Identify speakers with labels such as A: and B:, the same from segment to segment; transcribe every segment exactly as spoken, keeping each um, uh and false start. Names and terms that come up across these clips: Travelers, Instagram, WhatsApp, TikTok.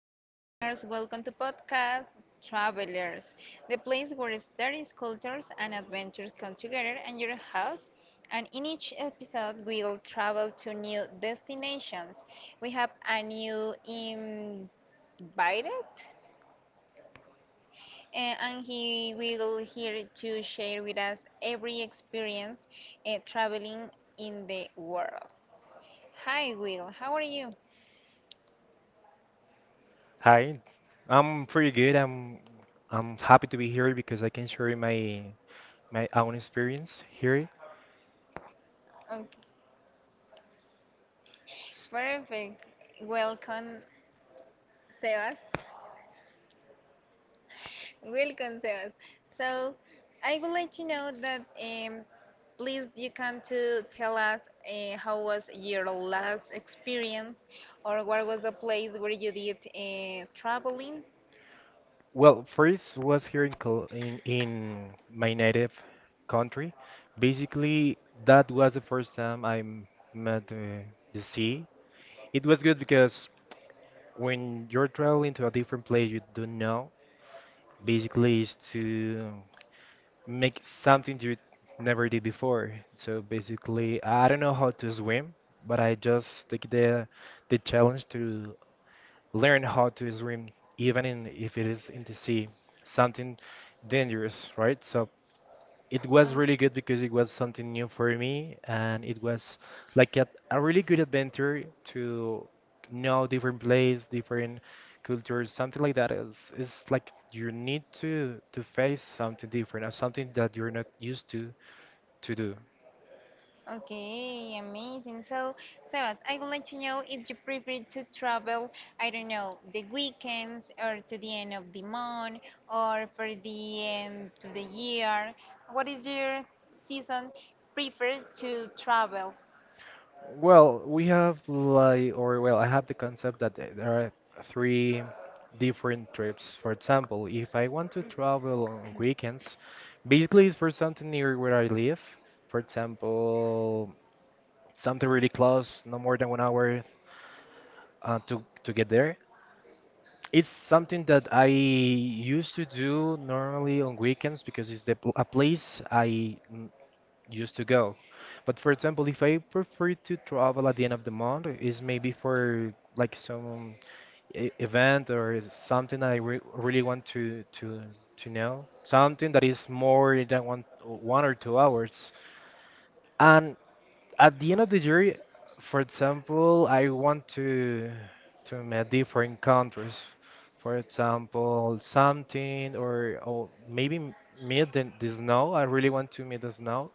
A: listeners. Welcome to podcast Travelers, the place where stories, cultures, and adventures come together in your house. And in each episode, we'll travel to new destinations. We have a new invited, uh, and he will here to share with us every experience uh, traveling in the world. Hi, Will. How are you?
B: Hi, I'm pretty good. I'm I'm happy to be here because I can share my my own experience here.
A: Okay,
B: S-
A: perfect. Welcome Sebas. Welcome, Sebas. So, I would like to know that um, please you can to tell us uh, how was your last experience or what was the place where you did uh, traveling?
B: Well, first was here in Col in in my native country. Basically, that was the first time I m- met uh, the sea. It was good because when you're traveling to a different place you don't know, basically is to make something you never did before. So basically, I don't know how to swim, but I just take the the challenge to learn how to swim, even in if it is in the sea, something dangerous, right? So it was
A: Um,
B: really good because it was something new for me and it was like a, a really good adventure to know different place different cultures something like that is it's like you need to to face something different or something that you're not used to to do.
A: Okay, amazing. So, Sebas, I would like to know if you prefer to travel, I don't know, the weekends or to the end of the month or for the end to the year. What is your season prefer to travel?
B: Well, we have like, or well, I have the concept that th- there are three different trips. For example, if I want to travel on weekends, basically it's for something near where I live. For example, something really close, no more than one hour uh, to to get there. It's something that I used to do normally on weekends because it's the pl- a place I used to go. But for example, if I prefer to travel at the end of the month, is maybe for like some e- event or something I re really want to to to know, something that is more than one one or two hours. And at the end of the year, for example, I want to to meet different countries. For example, something or or maybe m- meet the, the snow. I really want to meet the snow.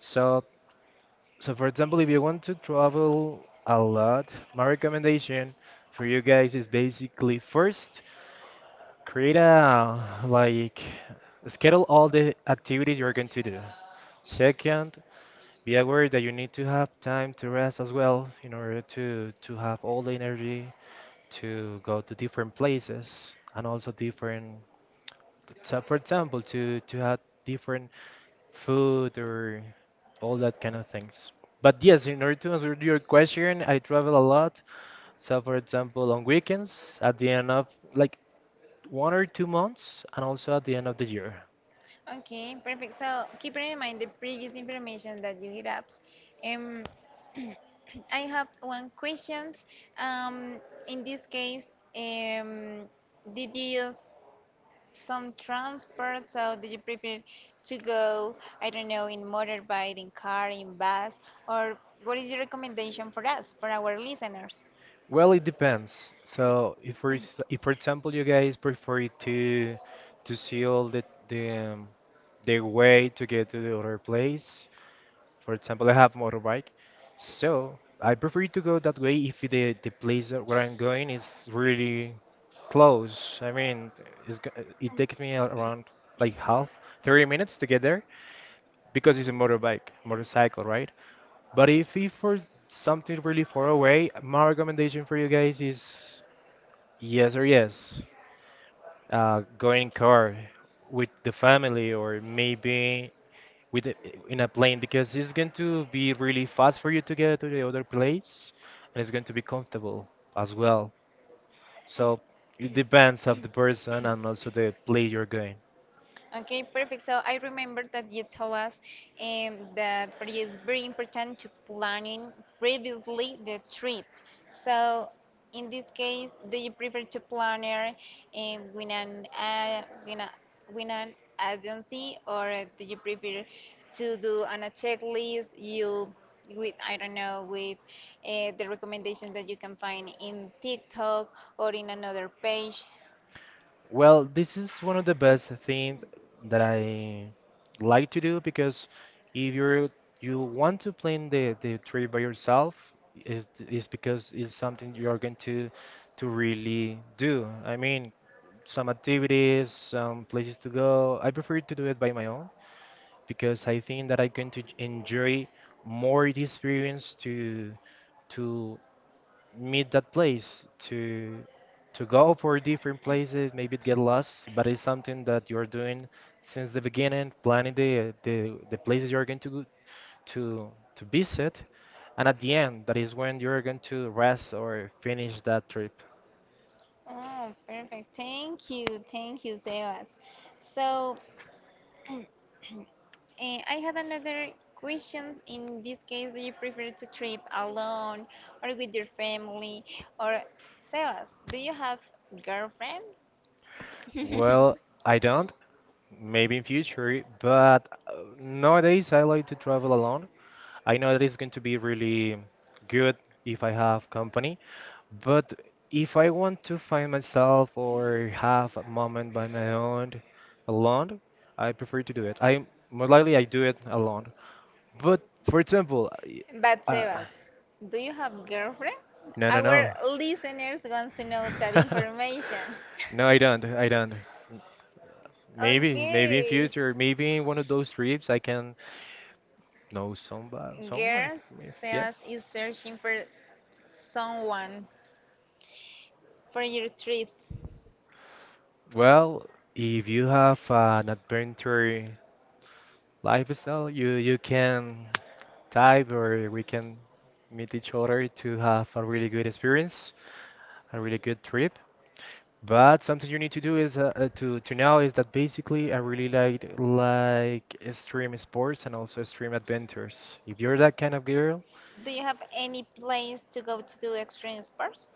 B: So so, for example, if you want to travel a lot, my recommendation for you guys is basically first create a like schedule all the activities you're going to do. Second, be aware that you need to have time to rest as well in order to to have all the energy to go to different places and also different so for example to to have different food or all that kind of things. But yes, in order to answer your question, I travel a lot. So, for example, on weekends, at the end of like one or two months, and also at the end of the year.
A: Okay, perfect. So, keeping in mind the previous information that you hit up, um, I have one question. Um, in this case, um, did you use some transport, so do you prefer to go, I don't know, in motorbike, in car, in bus, or what is your recommendation for us, for our listeners?
B: Well, it depends. So, if for s- if for example you guys prefer to to see all the the um, the way to get to the other place, for example, I have motorbike, so I prefer to go that way if the the place that where I'm going is really close. I mean, it's, g- it takes me around like half, thirty minutes to get there because it's a motorbike, motorcycle, right? But if if for something really far away, my recommendation for you guys is yes or yes. Uh, going in car with the family or maybe with a, in a plane because it's going to be really fast for you to get to the other place and it's going to be comfortable as well. So it depends of the person and also the place you're going.
A: Okay, perfect. So I remember that you told us um, that for you it's very important to planning previously the trip. So in this case, do you prefer to planner um, with an uh, with, a, with an agency or do you prefer to do on a checklist you with I don't know with uh, the recommendations that you can find in TikTok or in another page?
B: Well, this is one of the best things that I like to do because if you're you want to plan the the trip by yourself is is because it's something you're going to to really do. I mean, some activities, some places to go. I prefer to do it by my own because I think that I'm going to j- enjoy more the experience to to meet that place to to go for different places maybe get lost but it's something that you're doing since the beginning planning the the, the places you're going to go- to to visit and at the end that is when you're going to rest or finish that trip.
A: Oh, perfect. Thank you. Thank you, Sebas. So, eh, I had another question. In this case, do you prefer to trip alone or with your family? Or, Sebas, do you have girlfriend?
B: Well, I don't. Maybe in future but uh, nowadays I like to travel alone. I know that it's going to be really good if I have company. But if I want to find myself or have a moment by my own alone, I prefer to do it. I Most likely I do it alone. But for example, I-
A: But
B: uh,
A: Sebas, do you have girlfriend?
B: no, no, no,
A: Our listeners wants to know that information.
B: no, I don't, I don't. Maybe, maybe in
A: Okay.
B: future, maybe in one of those trips, I can know somebody, someone.
A: Girls,
B: If, yes.
A: Sebas is searching for someone. For your trips,
B: Well, if you have an adventure lifestyle, you you can. Type where we can meet each other to have a really good experience, a really good trip. But something you need to do is uh, uh, to to know is that basically I really like like extreme sports and also extreme adventures. If you're that kind of girl,
A: do you have any plans to go to do extreme sports?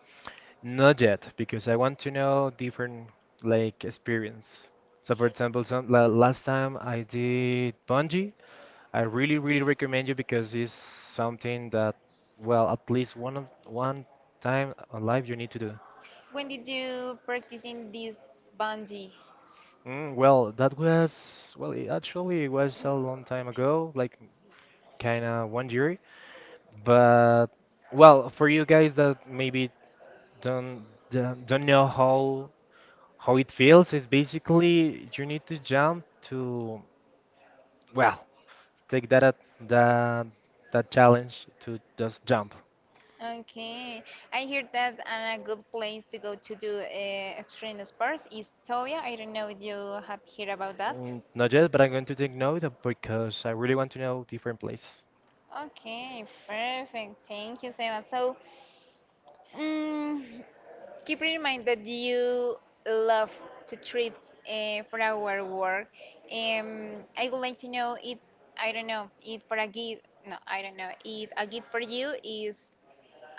B: not yet, because I want to know different like experience. So for example, some la last time I did bungee, I really really recommend you because it's something that well at least one of one time on life you need to do.
A: When did you practice in this bungee?
B: Mm, well, that was, well, it actually it was a long time ago, like kind of one year. But well, for you guys that maybe don't don't don't know how how it feels, it's basically you need to jump to, well, take that at- that that challenge to just jump.
A: Okay, I hear that and a good place to go to do uh, extreme sports is Toya. I don't know if you have heard about that.
B: Mm, not yet, but I'm going to take note of- because I really want to know different places.
A: Okay, perfect. Thank you, Seba. So, mm keep in mind that you love to trip uh, for our work. Um, I would like to know if I don't know if for a gift. No, I don't know if a gift for you is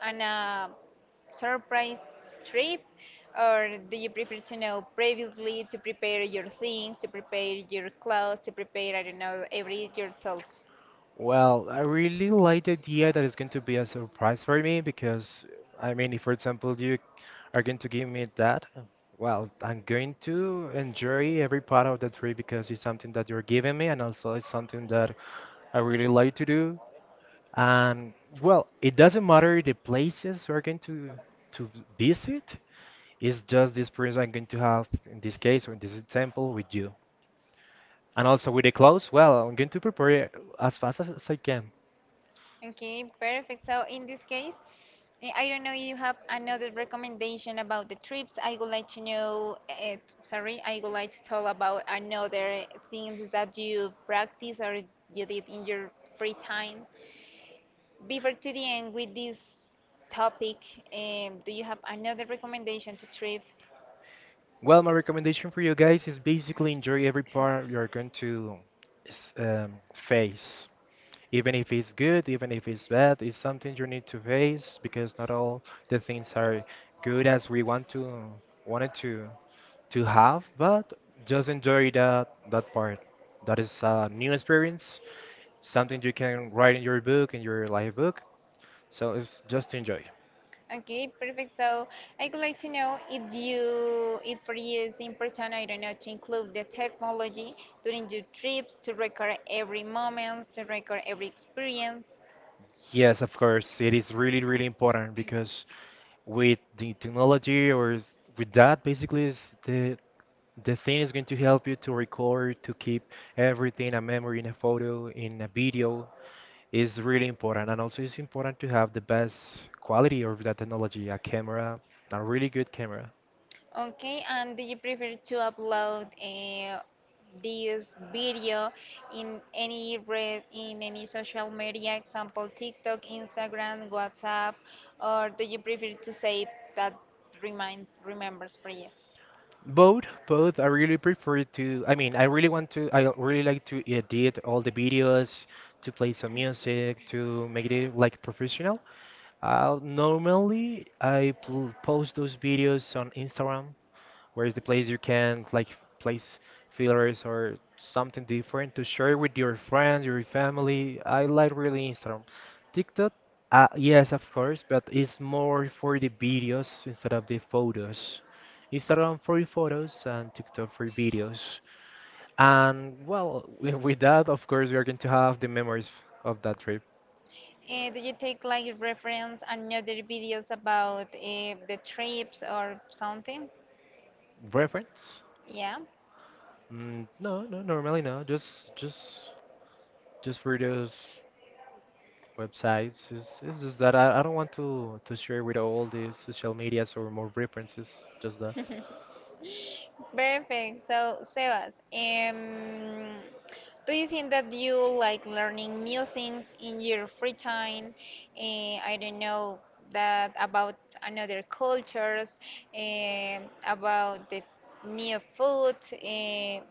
A: an uh, surprise trip, or do you prefer to know previously to prepare your things, to prepare your clothes, to prepare I don't know every your thoughts.
B: Well, I really like the idea that it's going to be a surprise for me because, I mean, if for example you are going to give me that, well, I'm going to enjoy every part of the trip because it's something that you're giving me and also it's something that I really like to do. And well, it doesn't matter the places we're going to to visit, it's just the experience I'm going to have in this case or in this example with you. And also with the clothes, well, I'm going to prepare it as fast as I can.
A: Okay, perfect. So in this case, eh, I don't know if you have another recommendation about the trips. I would like to know, uh, sorry, I would like to talk about another things that you practice or you did in your free time. Before to the end with this topic, um, do you have another recommendation to trip?
B: Well, my recommendation for you guys is basically enjoy every part you're going to s- um, face. Even if it's good, even if it's bad, it's something you need to face because not all the things are good as we want to wanted to to have, but just enjoy that that part. That is a new experience, something you can write in your book, in your life book. So it's just enjoy.
A: Okay, perfect. So I would like to know if you, if for you it's important, I don't know, to include the technology during your trips to record every moment, to record every experience.
B: Yes, of course, it is really, really important because with the technology or s- with that basically is the the thing is going to help you to record to keep everything a memory in a photo in a video is really important and also it's important to have the best quality of that technology a camera a really good camera.
A: Okay, and do you prefer to upload uh, this video in any red, in any social media, example TikTok, Instagram, WhatsApp, or do you prefer to save that reminds, remembers for you?
B: Both both I really prefer to. I mean, I really want to I really like to edit all the videos to play some music to make it like professional. Uh, normally, I pl post those videos on Instagram, where is the place you can like place fillers or something different to share with your friends, your family. I like really Instagram. TikTok, uh, yes, of course, but it's more for the videos instead of the photos. Instagram for photos and TikTok for videos. And well, wi- with that, of course, we are going to have the memories of that trip
A: Uh, do you take like reference and other videos about uh, the trips or something?
B: reference.
A: Yeah,
B: Mm, no, no, normally no. Just, just, just for those websites. It's, it's just that I, I don't want to to share with all the social medias or more references. Just that.
A: perfect. So, Sebas, um, do you think that you like learning new things in your free time? Uh, I don't know that about another cultures, eh, about the new food, eh,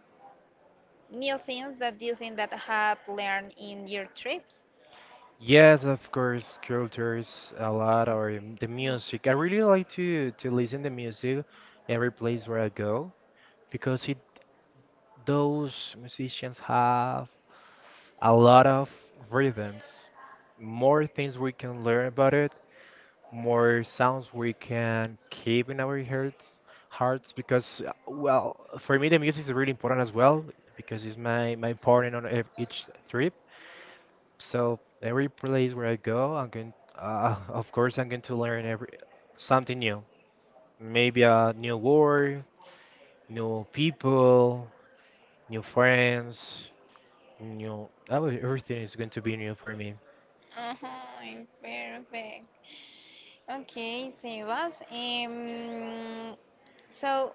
A: new things that you think that have learned in your trips?
B: Yes, of course, cultures a lot or um, the music. I really like to to listen to music every place where I go because it those musicians have a lot of rhythms. More things we can learn about it, more sounds we can keep in our hearts hearts because uh, well for me the music is really important as well because it's my my partner on ev- each trip so every place where I go I'm going uh, of course I'm going to learn every something new maybe a new word new people new friends new every- everything is going to be new for me.
A: Uh-huh, perfect. Okay, Sebas. Um, so,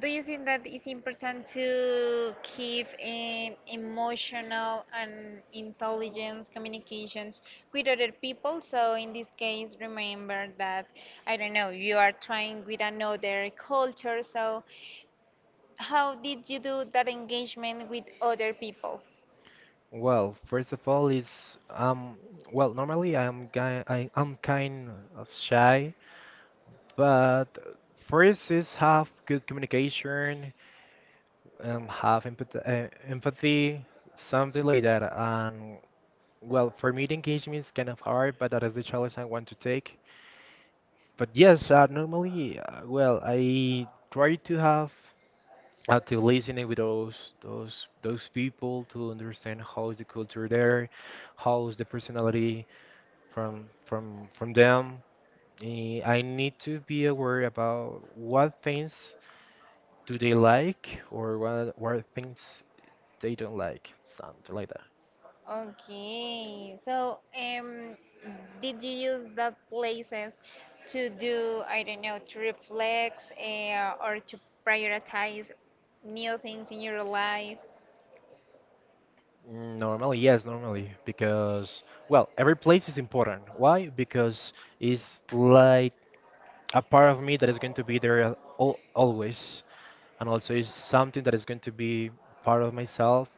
A: do you think that it's important to keep um, emotional and intelligence communications with other people? So, in this case, remember that, I don't know, you are trying with another culture. So, how did you do that engagement with other people?
B: Well, first of all, is um well normally I'm guy I, I'm kind of shy, but first is have good communication, um have empathy, uh, empathy, something like that. And well, for me the engagement is kind of hard, but that is the challenge I want to take. But yes, uh, normally uh, well I try to have uh, to listening with those those those people to understand how is the culture there, how is the personality from from from them. Eh, I need to be aware about what things do they like or what what things they don't like, something like that.
A: Okay, so um, did you use that places to do, I don't know, to reflect uh, or to prioritize new things in your life?
B: Normally, yes, normally, because well, every place is important. Why? Because it's like a part of me that is going to be there al al- always, and also is something that is going to be part of myself.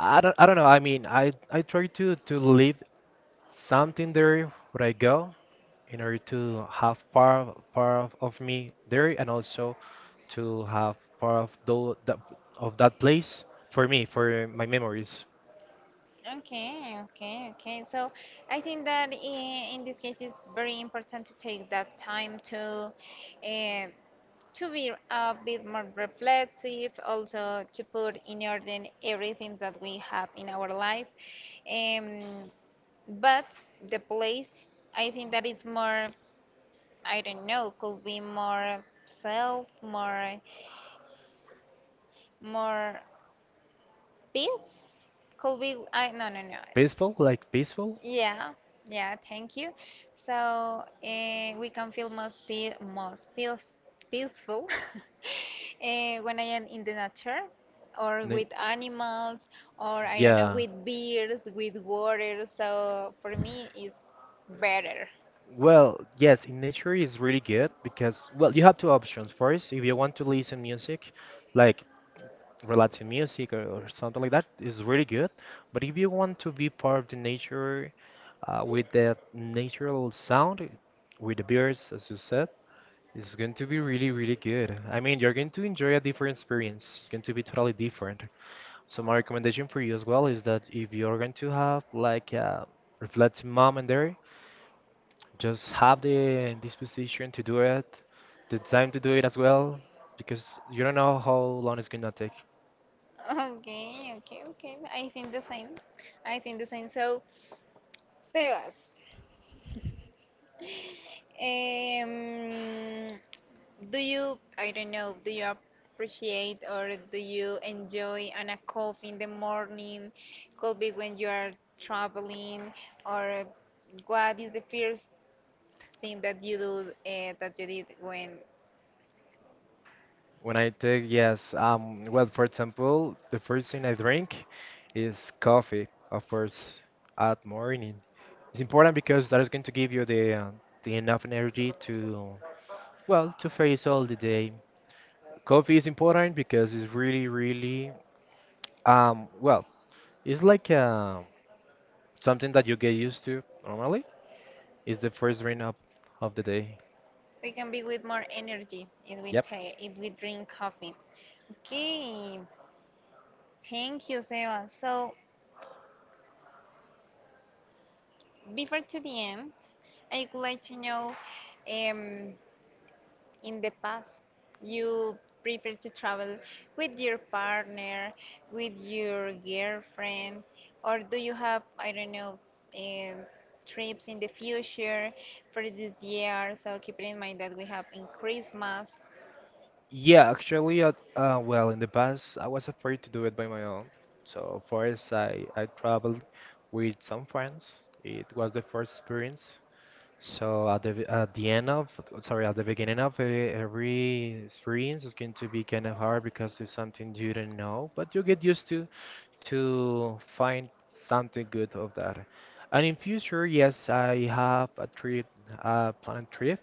B: I don't, I don't know. I mean, I I try to to leave something there where I go, in order to have part of, part of, of me there, and also to have part of tho- that, of that place, for me, for my memories.
A: Okay, okay, okay. So I think that i- in this case it's very important to take that time to uh, to be a bit more reflective, also to put in order everything that we have in our life. Um, but the place, I think that it's more, I don't know, could be more self, more, more. Beans could be. I no no no.
B: Peaceful, like peaceful.
A: Yeah, yeah, thank you. So uh, we can feel most pe most peace peaceful uh, when I am in the nature or
B: Ne-
A: with animals or I don't know
B: yeah,
A: with beers, with water. So for me, it's better.
B: well, yes, in nature is really good because well you have two options. First, if you want to listen music, like related to music or, or something like that, is really good. But if you want to be part of the nature uh, with that natural sound, with the birds, as you said, it's going to be really, really good. I mean, you're going to enjoy a different experience. It's going to be totally different. So my recommendation for you as well is that if you're going to have like a reflective moment there, just have the disposition to do it, the time to do it as well, because you don't know how long it's gonna take.
A: Okay, okay, okay. I think the same. I think the same. So, Sebas, um, do you, I don't know, do you appreciate or do you enjoy on a coffee in the morning? Could be when you are traveling, or what is the first thing that you do uh, that you did when
B: When I take, yes, um, well, for example, the first thing I drink is coffee, of course, at morning. It's important because that is going to give you the uh, the enough energy to, well, to face all the day. Coffee is important because it's really, really, um, well, it's like uh, something that you get used to normally. It's the first drink of, of the day.
A: we can be with more energy if we
B: Yep.
A: take, if we drink coffee? Okay, thank you, Seba. So before to the end, I would like to know um, in the past you prefer to travel with your partner, with your girlfriend, or do you have, I don't know, um, trips in the future for this year? So keep it in mind that we have in Christmas.
B: Yeah, actually, at, uh, well, in the past, I was afraid to do it by my own. So first, I I traveled with some friends. It was the first experience. So at the at the end of, sorry, at the beginning of uh, every experience is going to be kind of hard because it's something you don't know, but you get used to to find something good of that. And in future, yes, I have a trip, a planned trip.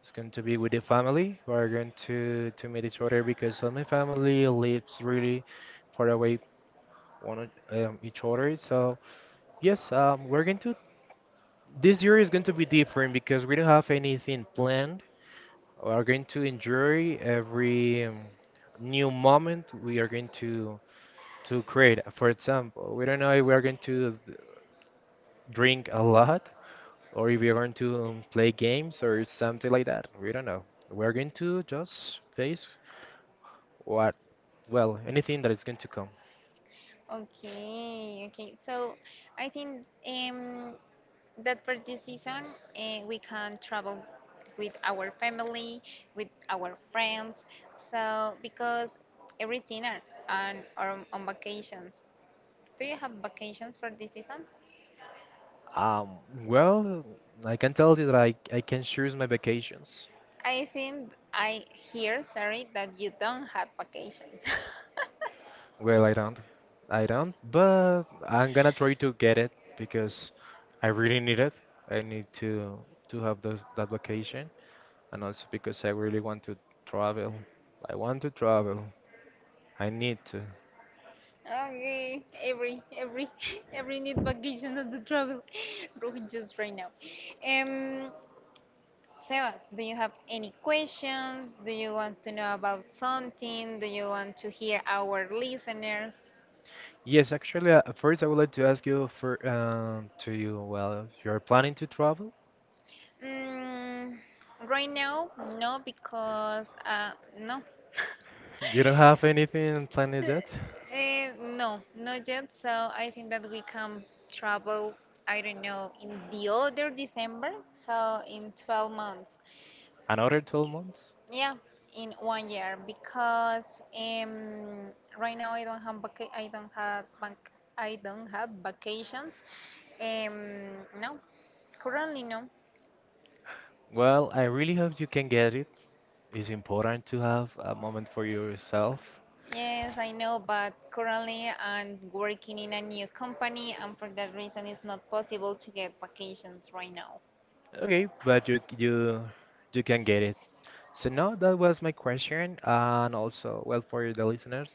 B: It's going to be with the family. We are going to to meet each other, because all my family lives really far away one o- um, each other. So yes, um, we're going to. This year is going to be different because we don't have anything planned. We are going to enjoy every um, new moment we are going to to create. For example, we don't know if we are going to drink a lot, or if we are going to um, play games or something like that. We don't know. We are going to just face what. Well, anything that is going to come.
A: Okay, okay. So I think um, that for this season uh, we can travel with our family, with our friends. So because everything are on are on vacations. Do you have vacations for this season?
B: Um, well, I can tell you that I, I can choose my vacations.
A: I think I hear, sorry, that you don't have vacations.
B: Well, I don't. I don't, but I'm gonna try to get it because I really need it. I need to to have those that vacation, and also because I really want to travel. I want to travel. I need to.
A: Okay, every every every need vacation of the travel just right now. Um, Sebas, do you have any questions? Do you want to know about something? Do you want to hear our listeners?
B: Yes, actually, uh, first I would like to ask you for um to you, well, you're planning to travel?
A: Mm, right now, no, because uh, no.
B: You don't have anything planned yet?
A: Eh, no, not yet. So I think that we can travel, I don't know, in the other December, so in twelve months.
B: Another twelve months?
A: Yeah, in one year because um, right now I don't have vaca- I don't have bank I don't have vacations. Um, no, currently no.
B: Well, I really hope you can get it. It's important to have a moment for yourself.
A: Yes, I know, but currently I'm working in a new company, and for that reason, it's not possible to get vacations right now.
B: Okay, but you you you can get it. So now that was my question, and also, well, for the listeners,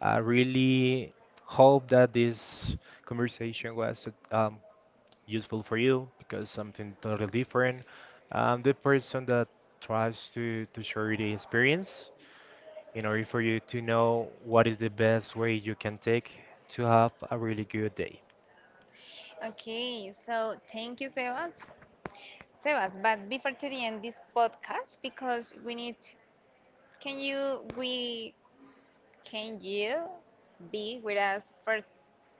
B: I really hope that this conversation was um, useful for you, because something totally different. I'm the person that tries to to share the experience in order for you to know what is the best way you can take to have a really good day.
A: Okay, so thank you, Sebas. Sebas, but before to the end this podcast, because we need, can you we can you be with us for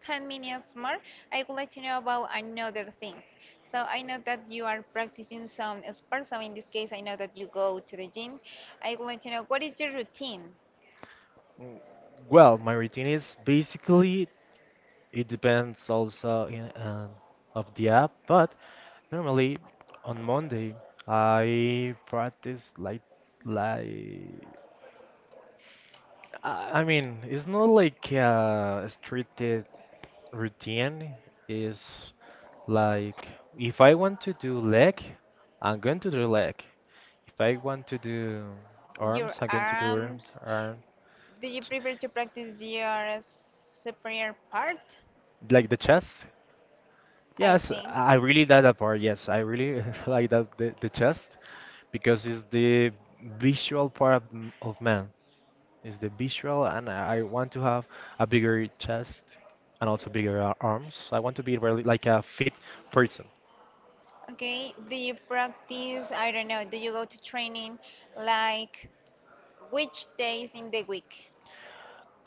A: ten minutes more? I would like to know about another things. So I know that you are practicing some sports. So in this case, I know that you go to the gym. I would like to know what is your routine?
B: Mm. Well, my routine is basically, it depends also in uh, of the app, but normally on Monday I practice like like, I I mean, it's not like a stricted routine. It's like, if I want to do leg, I'm going to do leg. If I want to do
A: Your
B: arms, I'm going to do arms.
A: arms?
B: Arm,
A: Do you prefer to practice your superior part?
B: like the chest.
A: I
B: Yes,
A: think.
B: I really like that part. Yes, I really like that the, the chest, because it's the visual part of, m- of man. It's the visual, and I I want to have a bigger chest and also bigger ar- arms. I want to be really like a fit person.
A: Okay, do you practice, I don't know, do you go to training like which days in the week?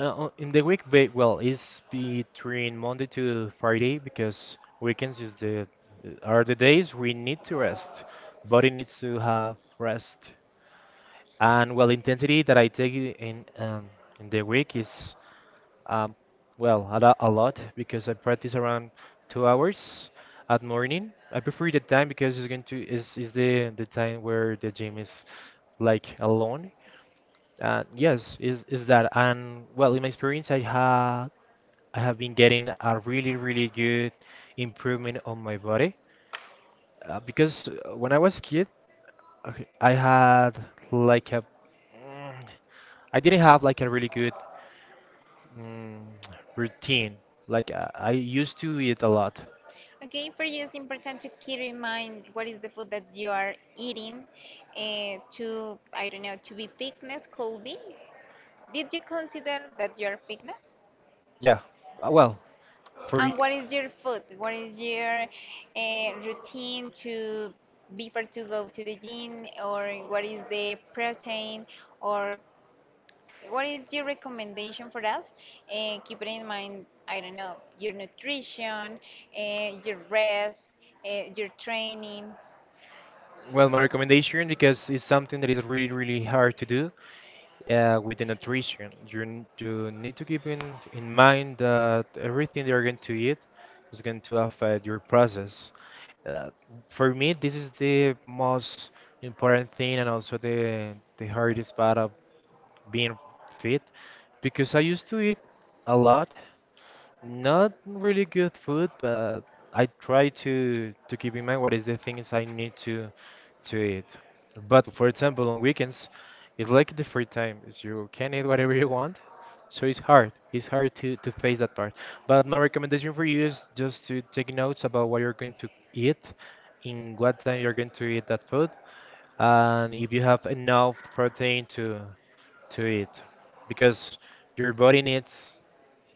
B: Uh, uh, in the week, ba- well, it's between Monday to Friday because weekends is the are the days we need to rest. Body needs to have rest. And well, intensity that I take i- in um, in the week is. Um, well, a, lo- a lot, because I practice around two hours at morning. I prefer the time, because it's going to is is the the time where the gym is like alone. And yes, is is that. And well, in my experience, I ha I have been getting a really, really good improvement on my body, uh, because uh, when I was kid, okay, I had like a mm, I didn't have like a really good mm, routine. Like uh, I used to eat a lot.
A: Okay, for you it's important to keep in mind what is the food that you are eating uh, to, I don't know, to be fitness could be. Did you consider that you are fitness?
B: Yeah. Uh, Well, for y-
A: And what is your food? What is your uh, routine to before to go to the gym or what is the protein or what is your recommendation for us? Uh, keeping in mind, I don't know, your nutrition, uh, your rest, uh, your training.
B: well, my recommendation, because it's something that is really, really hard to do uh, with the nutrition. You n- you need to keep in in mind that everything you're going to eat is going to affect your process. Uh, for me, this is the most important thing, and also the the hardest part of being fit, because I used to eat a lot. Not really good food, but I try to to keep in mind what is the things I need to to eat. But for example, on weekends, it's like the free time. Is You can eat whatever you want, so it's hard. It's hard to to face that part. But my recommendation for you is just to take notes about what you're going to eat, in what time you're going to eat that food, and if you have enough protein to to eat, because your body needs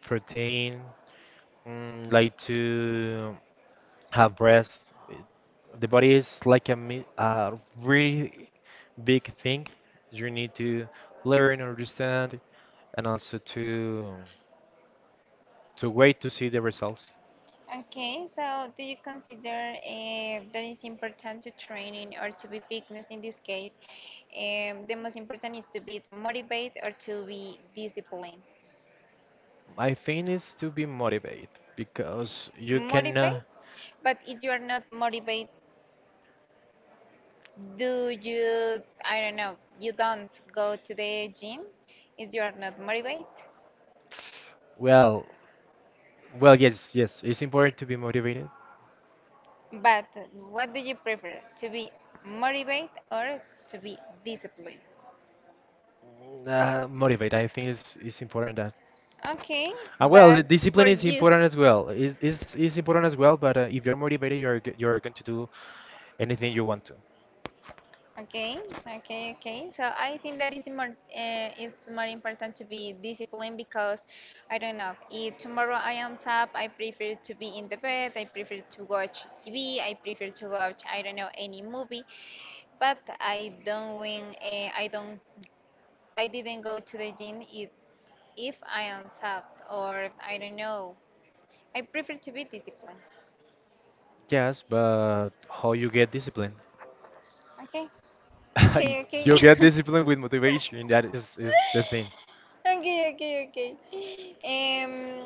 B: protein. Mm, like to have breast. It- The body is like a mi- a really big thing. You need to learn, understand, and also to to wait to see the results.
A: Okay, so do you consider uh, that it's important to training or to be fitness in this case? Um, the most important is to be motivated or to be disciplined.
B: I think it's to be motivated, because you can.
A: Motivate,
B: Uh,
A: but if you are not motivated do you, I don't know, you don't go to the gym if you are not motivated?
B: well, well, yes, yes, it's important to be motivated.
A: But what do you prefer, to be motivated or to be disciplined?
B: Mm, Uh, motivate, I think it's it's important that.
A: Okay,
B: And well, the
A: but for
B: discipline is
A: you.
B: important as well. Is is is important as well. But uh, if you're motivated, you're g- you're going to do anything you want to.
A: Okay, okay, okay. So I think that is more, uh, it's more important to be disciplined because I don't know. If tomorrow I am up, I prefer to be in the bed. I prefer to watch T V. I prefer to watch I don't know any movie. But I don't win. Uh, I don't. I didn't go to the gym if if I am up or I don't know. I prefer to be disciplined.
B: Yes, but how you get discipline?
A: Okay, okay, okay.
B: You get discipline with motivation. That is is the thing.
A: Okay, okay, okay. Um,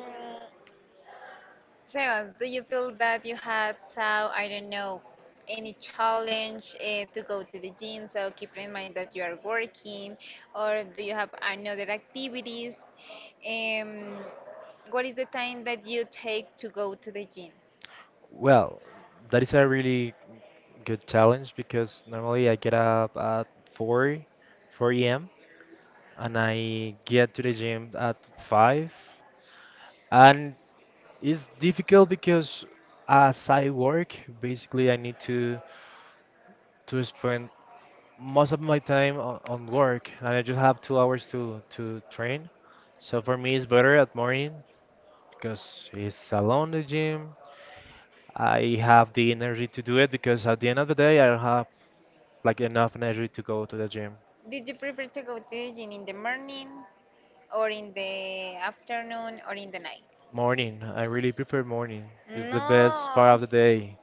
A: Sebas, do you feel that you had uh, I don't know, any challenge uh, to go to the gym? So keep in mind that you are working, or do you have another activities? Um, what is the time that you take to go to the gym?
B: Well, that is a really good challenge, because normally I get up at four, four a m, and I get to the gym at five. And it's difficult because as I work, basically I need to to spend most of my time on, on work, and I just have two hours to to train. So for me, it's better at morning because it's alone the gym. I have the energy to do it, because at the end of the day, I don't have like enough energy to go to the gym.
A: Did you prefer to go to the gym in the morning, or in the afternoon, or in the night?
B: Morning, I really prefer morning. It's the best part
A: No.
B: of the day.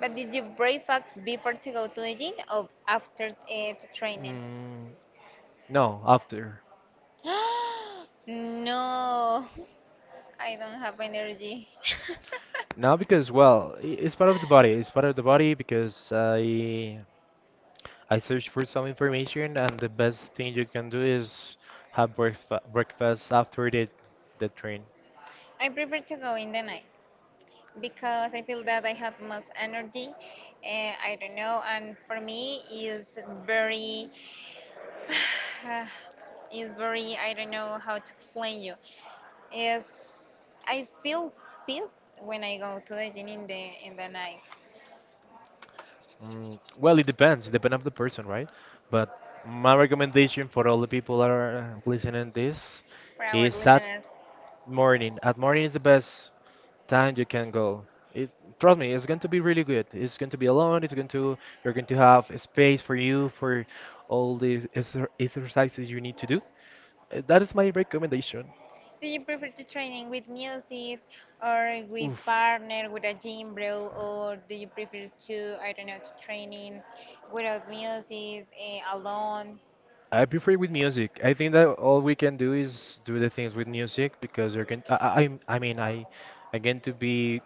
A: But did you breakfast before to go to the gym or after uh, to training?
B: Mm, no, after.
A: No, I don't have energy.
B: Now because well, i- it's part of the body. It's part of the body because I I searched for some information, and the best thing you can do is have breakfast, breakfast after the the train.
A: I prefer to go in the night because I feel that I have most energy. Uh, I don't know, and for me is very, uh, is very. I don't know how to explain you. Is I feel peace when I go to the gym in the in the night.
B: Mm, well, it depends. It depends on the person, right? But my recommendation for all the people that are uh, listening this
A: For our
B: is at
A: listeners,
B: morning. At morning is the best time you can go. It's, trust me, it's going to be really good. It's going to be alone. It's going to, you're going to have space for you for all the exer- exercises you need to do. Uh, That is my recommendation.
A: do you prefer to training with music or with
B: Oof.
A: partner, with a gym bro, or do you prefer to, I don't know, to training without music, eh, alone?
B: I prefer with music. I think that all we can do is do the things with music, because you're going. I, I I'm- I mean, I I get to be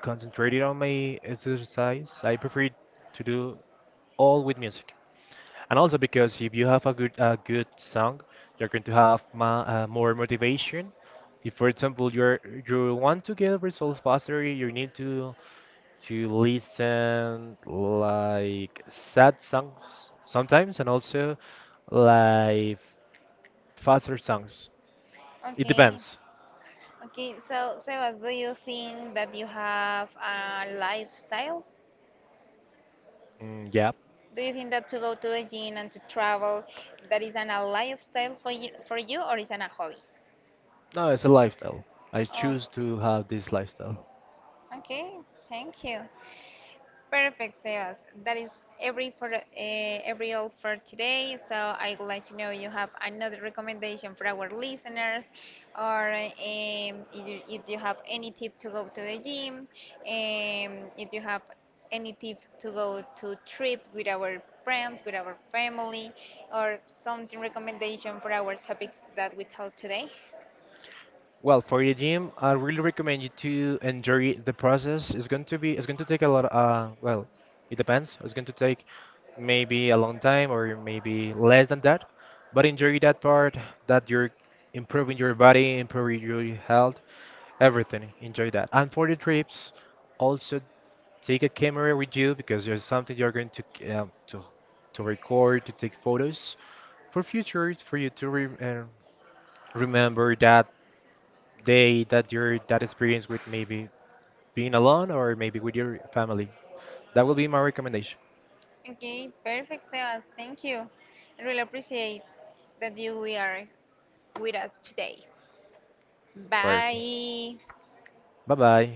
B: concentrated on my exercise. I prefer to do all with music, and also because if you have a good a good song, you're going to have ma, uh, more motivation. If, for example, you're you want to get results faster, you need to to listen like sad songs sometimes, and also like faster songs. It
A: Okay.
B: depends.
A: Okay, so Sebas, do you think that you have a lifestyle?
B: Mm, yeah.
A: Do you think that to go to the gym and to travel, that is an a lifestyle for you, for you or is an a hobby?
B: No, it's a lifestyle. I
A: Oh,
B: choose to have this lifestyle.
A: okay, thank you. Perfect, Sebas. That is every for uh, every all for today. So I would like to know you have another recommendation for our listeners, or um, if, you, if you have any tip to go to the gym, um, if you have any tip to go to trip with our friends, with our family, or something recommendation for our topics that we talked today.
B: Well, for the gym, I really recommend you to enjoy the process. It's going to be, it's going to take a lot, uh, well, it depends. It's going to take maybe a long time or maybe less than that. But enjoy that part, that you're improving your body, improving your health, everything. Enjoy that. And for the trips, also take a camera with you, because there's something you're going to c- um, to to record, to take photos for future, for you to re- uh, remember that day, that your, that experience with maybe being alone or maybe with your family. That will be my recommendation.
A: Okay, perfect, Sebas. Thank you. I really appreciate that you we are with us today.
B: Perfect.
A: Bye.
B: Bye bye.